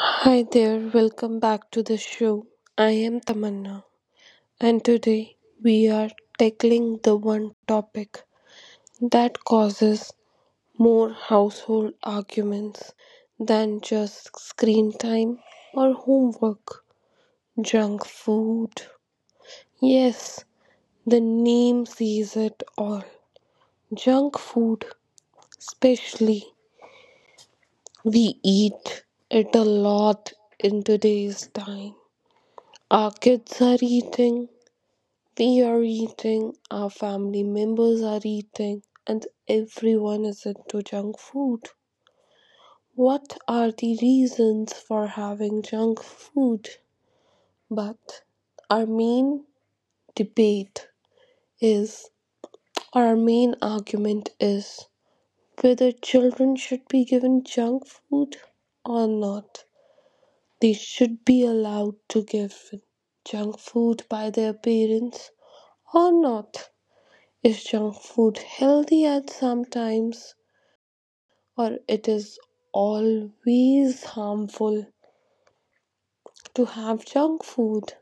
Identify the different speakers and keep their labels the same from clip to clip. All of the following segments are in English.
Speaker 1: Hi there, welcome back to the show. I am Tamanna, and today we are tackling the one topic that causes more household arguments than just screen time or homework, junk food. Yes, the name says it all. Junk food, especially, we eat it a lot in today's time. Our kids are eating. We are eating, our family members are eating, and everyone is into junk food. What are the reasons for having junk food? But our main debate is, our main argument is, whether children should be given junk food or not. They should be allowed to give junk food by their parents or not. Is junk food healthy at some times or it is always harmful to have junk food?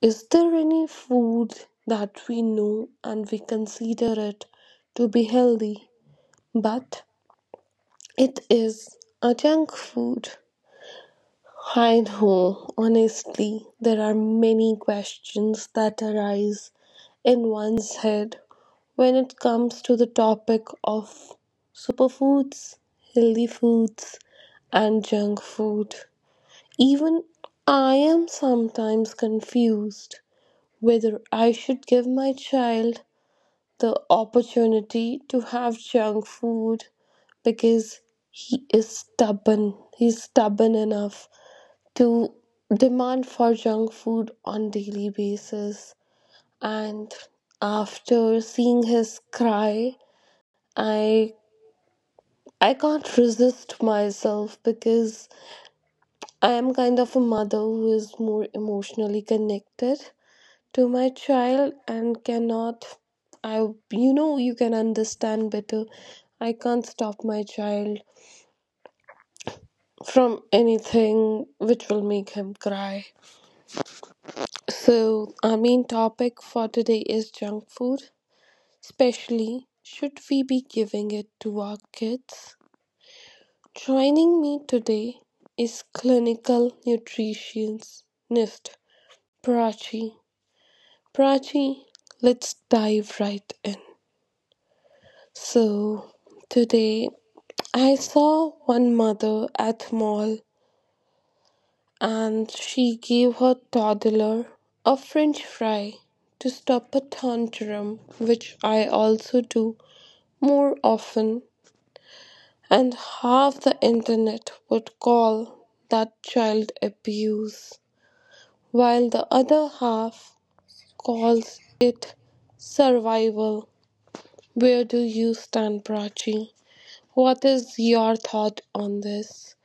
Speaker 1: Is there any food that we know and we consider it to be healthy but it is a junk food? I know, honestly, there are many questions that arise in one's head when it comes to the topic of superfoods, healthy foods, and junk food. Even I am sometimes confused whether I should give my child the opportunity to have junk food because he is stubborn. He's stubborn enough to demand for junk food on daily basis, and after seeing his cry, i I can't resist myself because I am kind of a mother who is more emotionally connected to my child and cannot I, you can understand better, I can't stop my child from anything which will make him cry. So, our main topic for today is junk food. Especially, should we be giving it to our kids? Joining me today is clinical nutritionist Prachi. Prachi, let's dive right in. So, today I saw one mother at mall and she gave her toddler a french fry to stop a tantrum, which I also do more often, and half the internet would call that child abuse, while the other half calls it survival. Where do you stand, Prachi? What is your thought on this?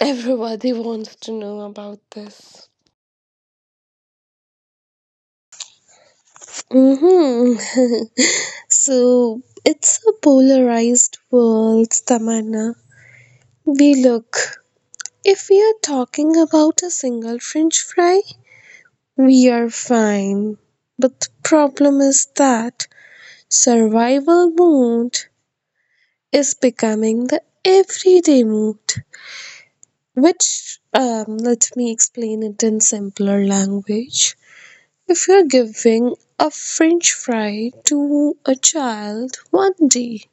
Speaker 1: Everybody wants to know about this.
Speaker 2: Mm-hmm. So it's a polarized world, Tamanna. We look, if we are talking about a single French fry, we are fine. But the problem is that survival mode is becoming the everyday mode, which, let me explain it in simpler language. If you're giving a French fry to a child one day,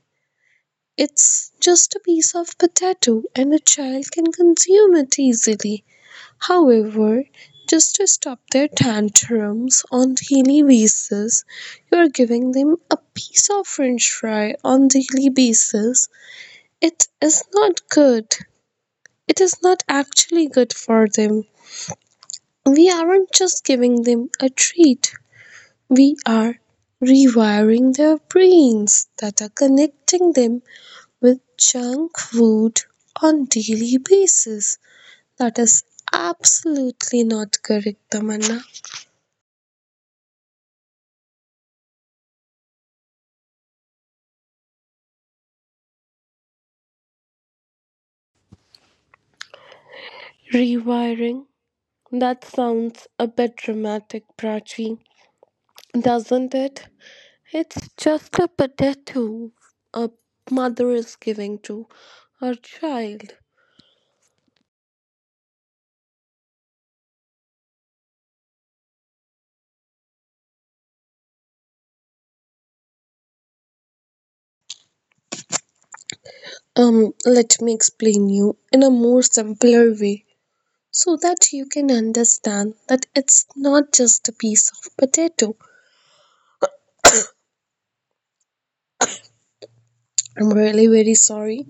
Speaker 2: it's just a piece of potato and a child can consume it easily. However, just to stop their tantrums on daily basis, you're giving them a piece of french fry on daily basis. It is not good. It is not actually good for them. We aren't just giving them a treat. We are rewiring their brains that are connecting them with junk food on daily basis. That is absolutely not correct, Tamanna.
Speaker 1: Rewiring that sounds a bit dramatic, Prachi, doesn't it? It's just a potato a mother is giving to her child.
Speaker 2: Let me explain you in a more simpler way so that you can understand that it's not just a piece of potato. I'm really very sorry.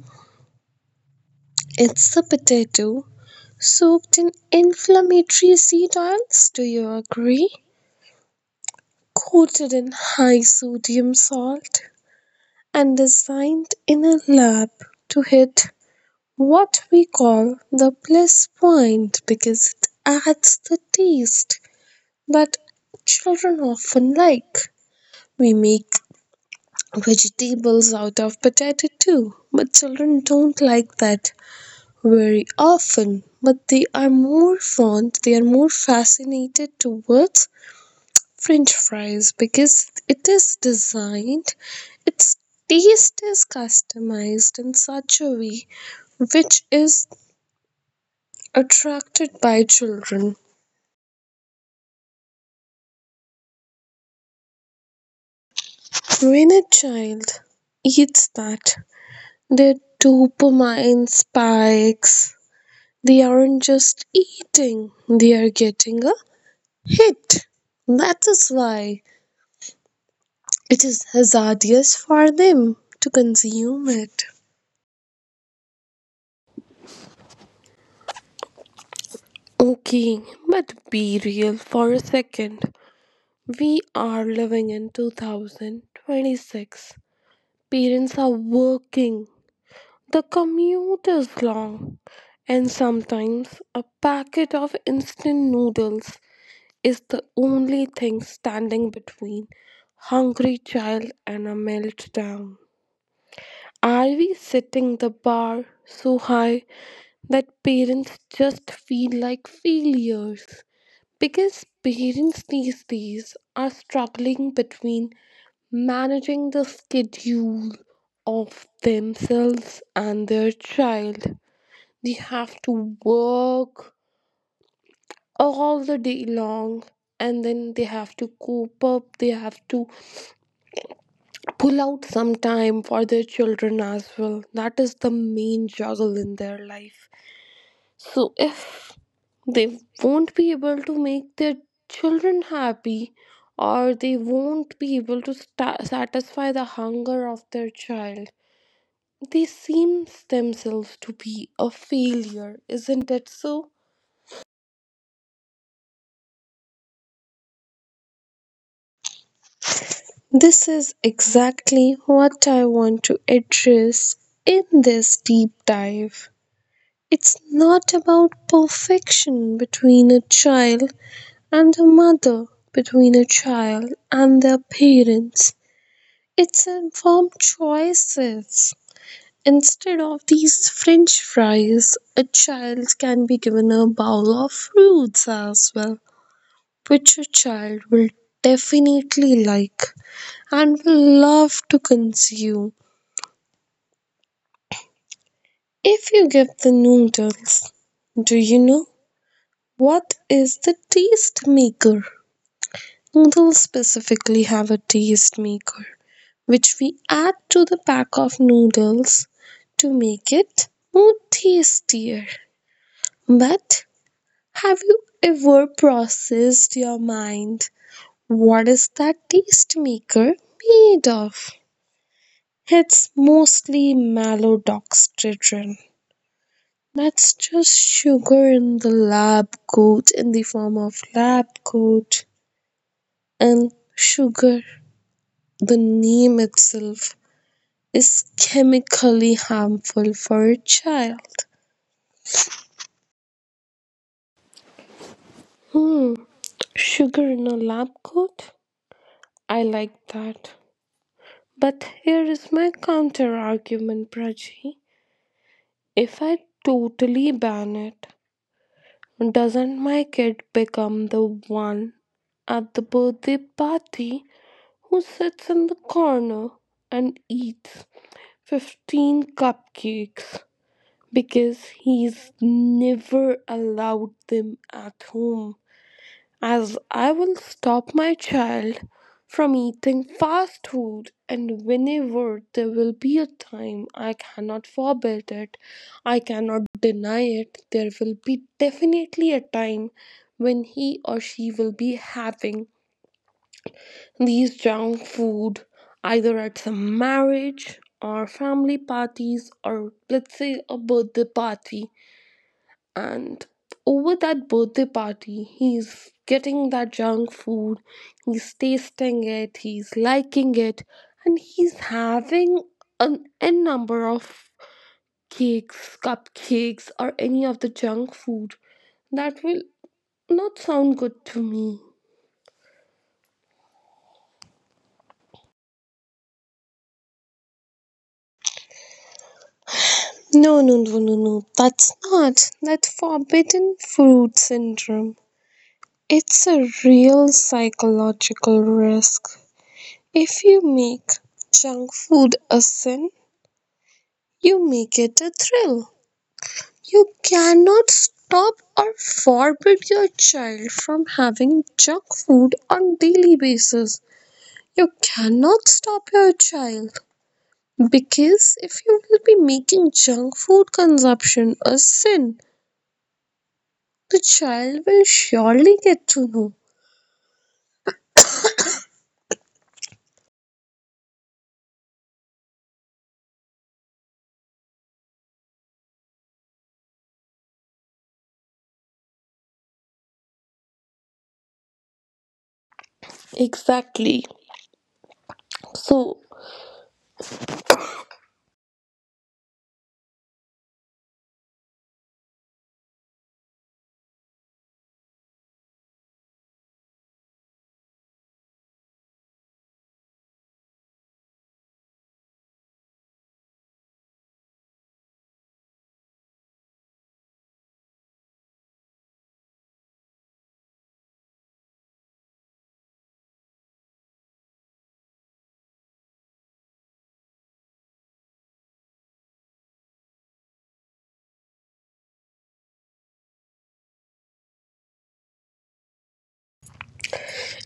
Speaker 2: It's a potato soaked in inflammatory seed oils, do you agree? Coated in high sodium salt and designed in a lab to hit what we call the bliss point because it adds the taste that children often like. We make vegetables out of potato too, but children don't like that very often. But they are more fond, they are more fascinated towards french fries because it is designed, its taste is customized in such a way which is attracted by children. When a child eats that, their dopamine spikes. They aren't just eating, they are getting a hit. That is why it is hazardous for them to consume it.
Speaker 1: Okay, but be real for a second. We are living in 2026. Parents are working. The commute is long. And sometimes a packet of instant noodles is the only thing standing between hungry child and a meltdown. Are we setting the bar so high that parents just feel like failures? Because parents these days are struggling between managing the schedule of themselves and their child. They have to work all the day long and then they have to cope up, they have to pull out some time for their children as well. That is the main juggle in their life. So if they won't be able to make their children happy or they won't be able to sta satisfy the hunger of their child, they seem themselves to be a failure, isn't it so?
Speaker 2: This is exactly what I want to address in this deep dive. It's not about perfection between a child and the mother, between a child and their parents. It's informed choices. Instead of these french fries, a child can be given a bowl of fruits as well, which a child will definitely like and will love to consume. If you give the noodles, do you know what is the taste maker? Noodles specifically have a taste maker, which we add to the pack of noodles to make it more tastier. But have you ever processed your mind? What is that taste maker made of? It's mostly maltodextrin. That's just sugar in the lab coat, in the form of lab coat and sugar. The name itself is chemically harmful for a child.
Speaker 1: Hmm, sugar in a lab coat? I like that. But here is my counter argument, Prachi. If I totally ban it, doesn't my kid become the one at the birthday party who sits in the corner and eats 15 cupcakes because he's never allowed them at home? As I will stop my child from eating fast food, and whenever there will be a time I cannot forbid it, I cannot deny it, there will be definitely a time when he or she will be having these junk food either at some marriage or family parties or let's say a birthday party, and over that birthday party he's getting that junk food, he's tasting it, he's liking it, and he's having an n number of cakes, cupcakes, or any of the junk food that will not sound good to me.
Speaker 2: No, no, no, no, no, that's not that forbidden fruit syndrome. It's a real psychological risk. If you make junk food a sin, you make it a thrill. You cannot stop or forbid your child from having junk food on daily basis. You cannot stop your child. Because if you will be making junk food consumption a sin, the child will surely get to know.
Speaker 1: Exactly, so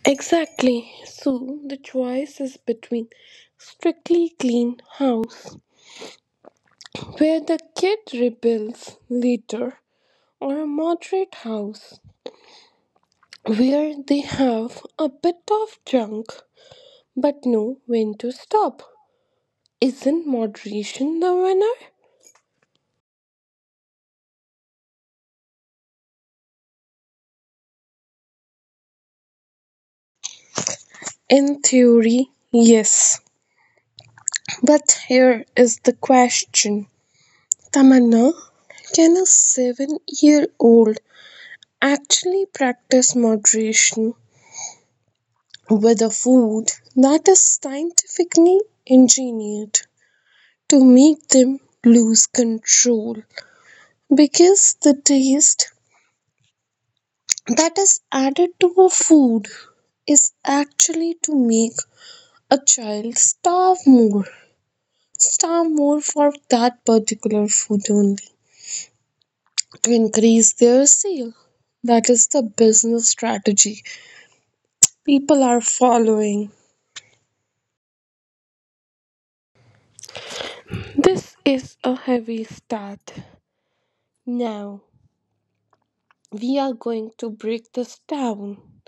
Speaker 1: exactly, so the choice is between strictly clean house where the kid rebels later or a moderate house where they have a bit of junk but know when to stop. Isn't moderation the winner?
Speaker 2: In theory, yes. But here is the question, Tamanna, can a 7-year old actually practice moderation with a food that is scientifically engineered to make them lose control? Because the taste that is added to a food is actually to make a child starve more for that particular food only to increase their sale. That is the business strategy people are following.
Speaker 1: This is a heavy start. Now, we are going to break this down.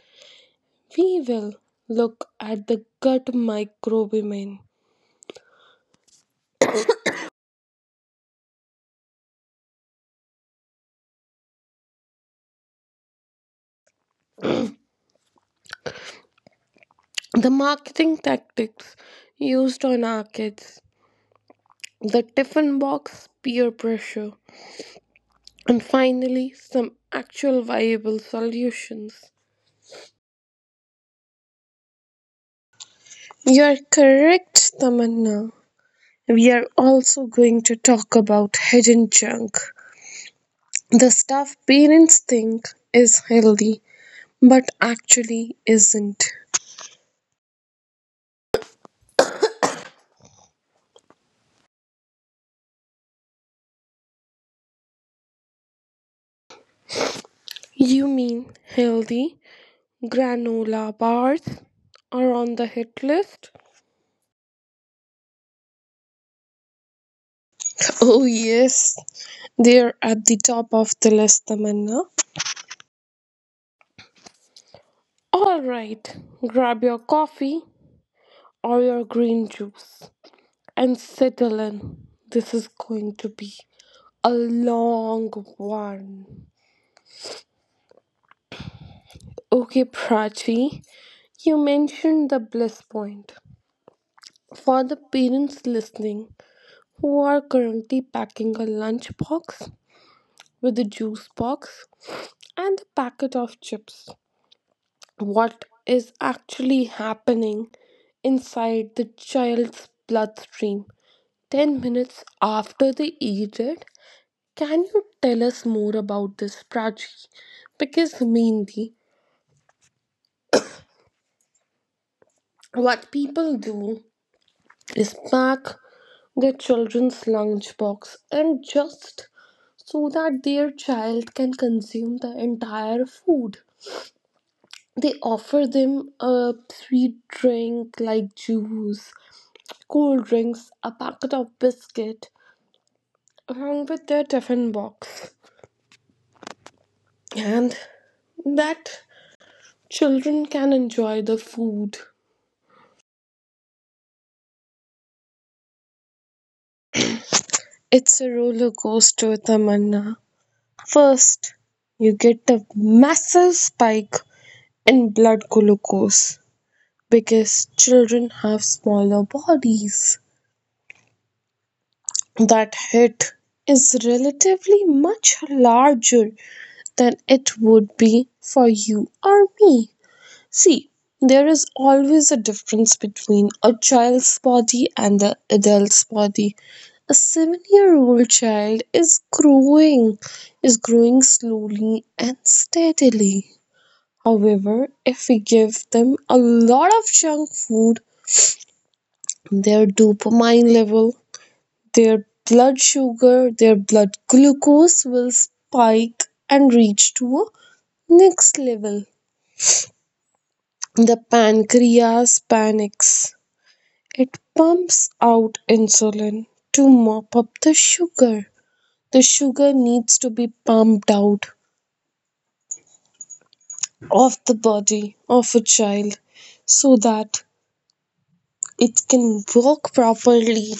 Speaker 1: We will look at the gut microbiome, the marketing tactics used on our kids, the tiffin box peer pressure, and finally, some actual viable solutions.
Speaker 2: You are correct, Tamanna. We are also going to talk about hidden junk. The stuff parents think is healthy but actually isn't.
Speaker 1: You mean healthy granola bars are on the hit list?
Speaker 2: Oh, yes, they're at the top of the list, Tamanna.
Speaker 1: All right, grab your coffee or your green juice and settle in. This is going to be a long one. Okay, Prachi, you mentioned the bliss point. For the parents listening who are currently packing a lunch box with a juice box and a packet of chips, what is actually happening inside the child's bloodstream 10 minutes after they eat it. Can you tell us more about this, Prachi? Because mainly, what people do is pack their children's lunchbox and just so that their child can consume the entire food. They offer them a sweet drink like juice cold drinks, a packet of biscuit, along with their tiffin box, and that children can enjoy the food
Speaker 2: It's a roller coaster, Tamanna. First, you get a massive spike in blood glucose because children have smaller bodies. That hit is relatively much larger than it would be for you or me. See, there is always a difference between a child's body and the adult's body. A 7-year-old child is growing slowly and steadily. However, if we give them a lot of junk food, their dopamine level, their blood sugar, their blood glucose will spike and reach to a next level. The pancreas panics. It pumps out insulin to mop up the sugar. The sugar needs to be pumped out of the body of a child so that it can walk properly.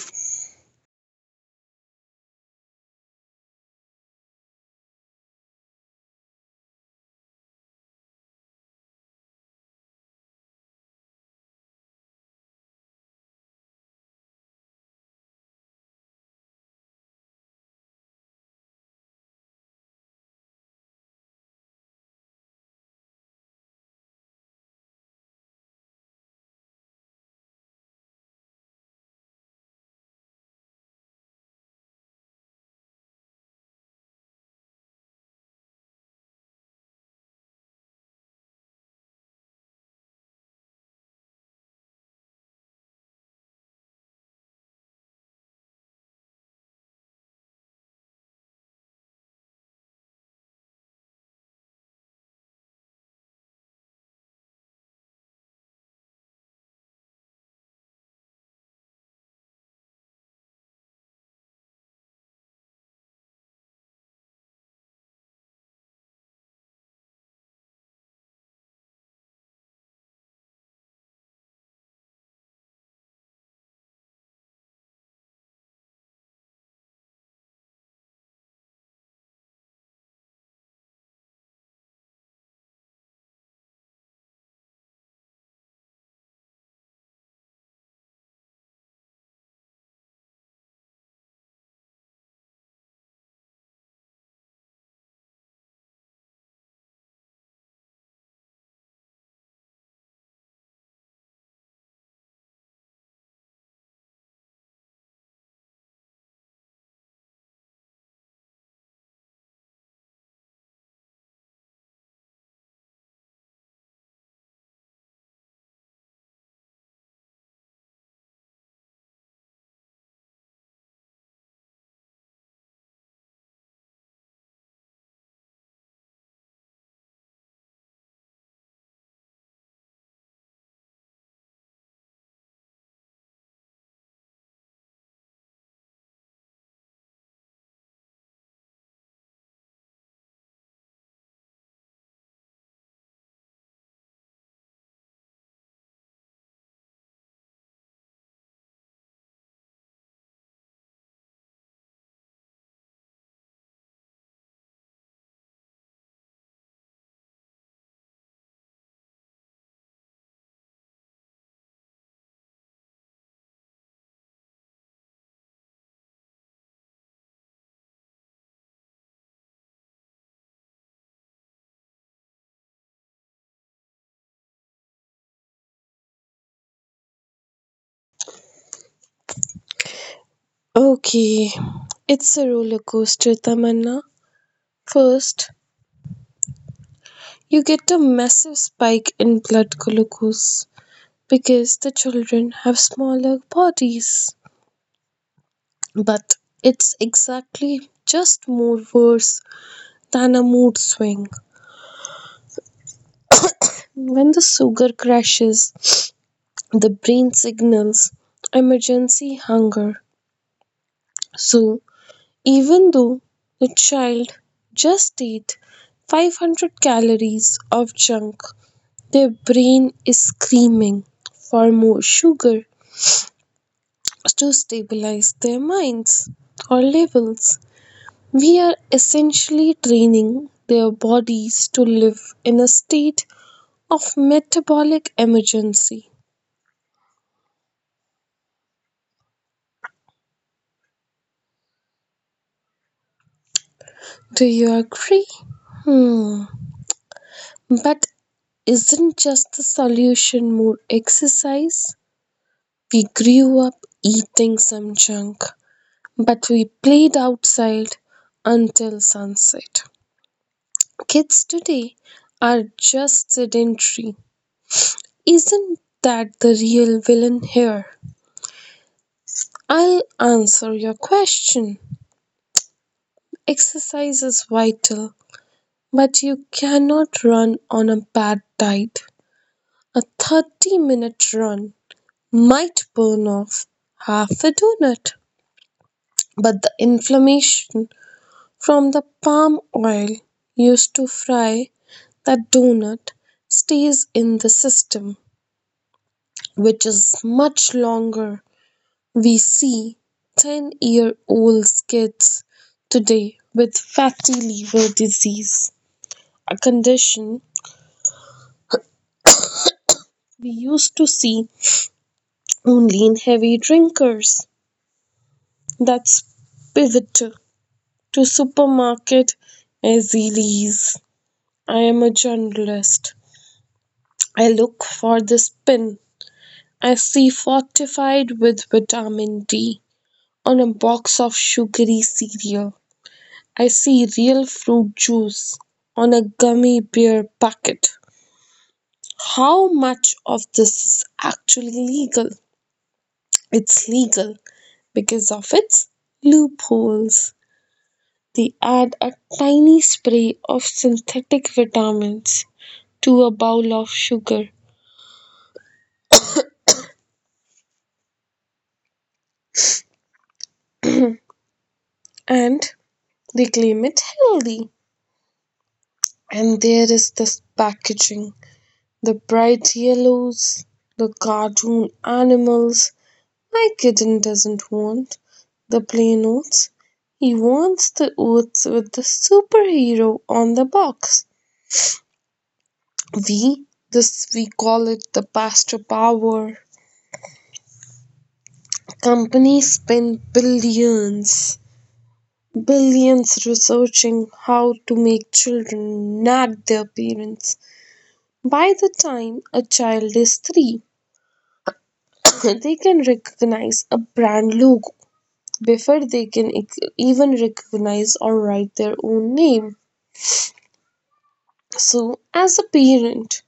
Speaker 2: Okay, it's a roller coaster, Tamanna. First, you get a massive spike in blood glucose because the children have smaller bodies. But it's exactly just more worse than a mood swing. When the sugar crashes, the brain signals emergency hunger. So even though the child just ate 500 calories of junk, their brain is screaming for more sugar to stabilize their minds or levels. We are essentially training their bodies to live in a state of metabolic emergency. Do you agree? Hmm. But isn't just the solution more exercise? We grew up eating some junk, but we played outside until sunset. Kids today are just sedentary. Isn't that the real villain here? I'll answer your question. Exercise is vital, but you cannot run on a bad diet. A 30-minute run might burn off half a donut, but the inflammation from the palm oil used to fry the donut stays in the system, which is much longer. We see 10-year-old kids today with fatty liver disease, a condition we used to see only in heavy drinkers. That's pivotal to supermarket as I am a journalist. I look for the spin. I see fortified with vitamin D on a box of sugary cereal. I see real fruit juice on a gummy bear packet. How much of this is actually legal? It's legal because of its loopholes. They add a tiny spray of synthetic vitamins to a bowl of sugar and they claim it healthy. And there is this packaging. The bright yellows, the cartoon animals. My kitten doesn't want the play notes. He wants the oats with the superhero on the box. We call it the Pastor Power. Companies spend billions researching how to make children nag their parents. By the time a child is three, they can recognize a brand logo before they can even recognize or write their own name. So, as a parent,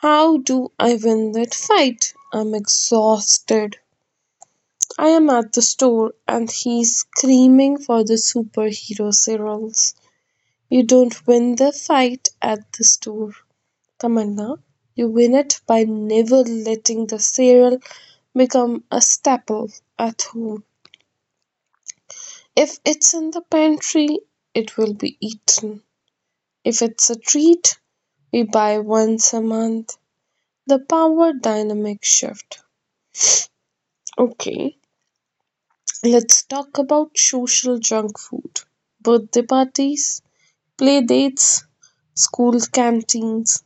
Speaker 2: how do I win that fight? I'm exhausted. I am at the store and he's screaming for the superhero cereals. You don't win the fight at the store, Tamanna. You win it by never letting the cereal become a staple at home. If it's in the pantry, it will be eaten. If it's a treat, we buy once a month. The power dynamic shift. Okay, let's talk about social junk food. Birthday parties, play dates, school canteens.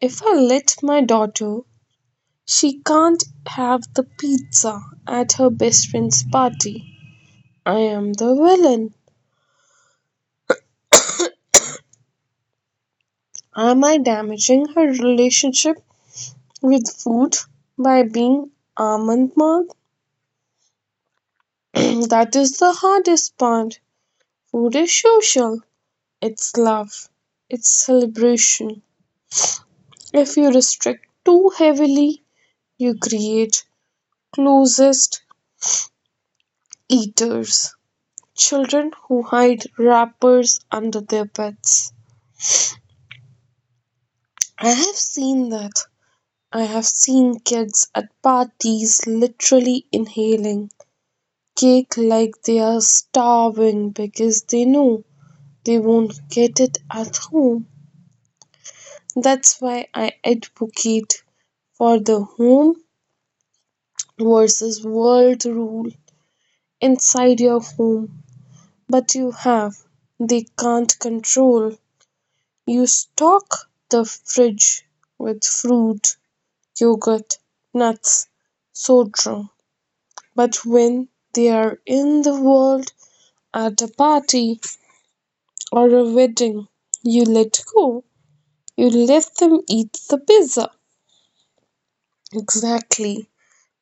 Speaker 2: If I let my daughter, she can't have the pizza at her best friend's party. I am the villain. Am I damaging her relationship with food by being almond mouth? That is the hardest part. Food is social, it's love, it's celebration. If you restrict too heavily, you create closest eaters, children who hide wrappers under their beds. I have seen that. I have seen kids at parties literally inhaling cake like they are starving because they know they won't get it at home. That's why I advocate for the home versus world rule inside your home. But you have, they can't control. You stock the fridge with fruit, yogurt, nuts, soda. But when they are in the world at a party or a wedding, you let go. You let them eat the pizza. Exactly.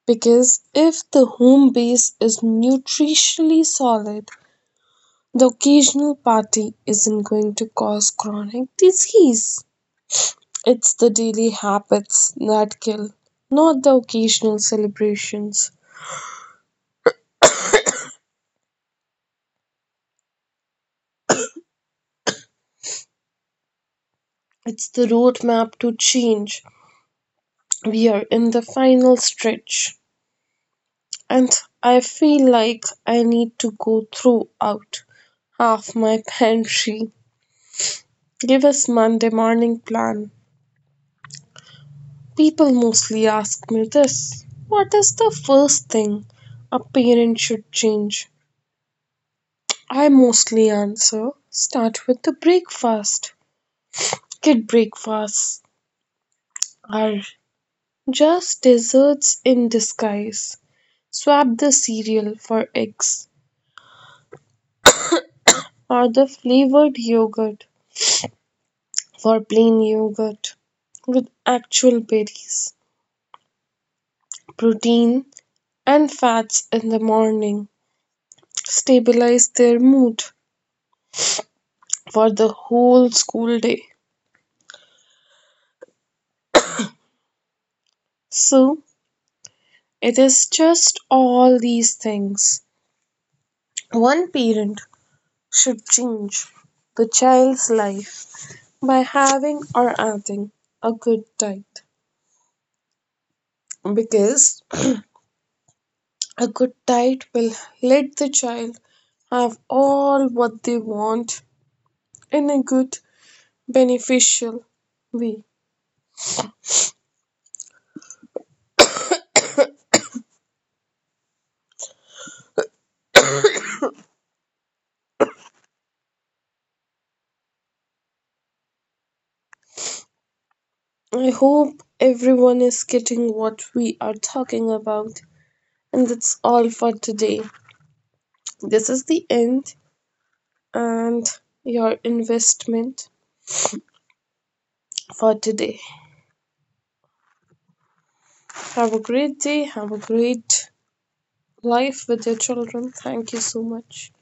Speaker 2: Because if the home base is nutritionally solid, the occasional party isn't going to cause chronic disease. It's the daily habits that kill, not the occasional celebrations. It's the roadmap to change. We are in the final stretch, and I feel like I need to go through out half my pantry. Give us Monday morning plan. People mostly ask me this. What is the first thing a parent should change? I mostly answer, start with the breakfast. Kid breakfasts are just desserts in disguise. Swap the cereal for eggs or the flavored yogurt for plain yogurt with actual berries, protein, and fats in the morning. Stabilize their mood for the whole school day. So it is just all these things. One parent should change the child's life by having or adding a good diet because a good diet will let the child have all what they want in a good beneficial way. I hope everyone is getting what we are talking about and that's all for today. This is the end and your investment for today. Have a great day, have a great life with your children. Thank you so much.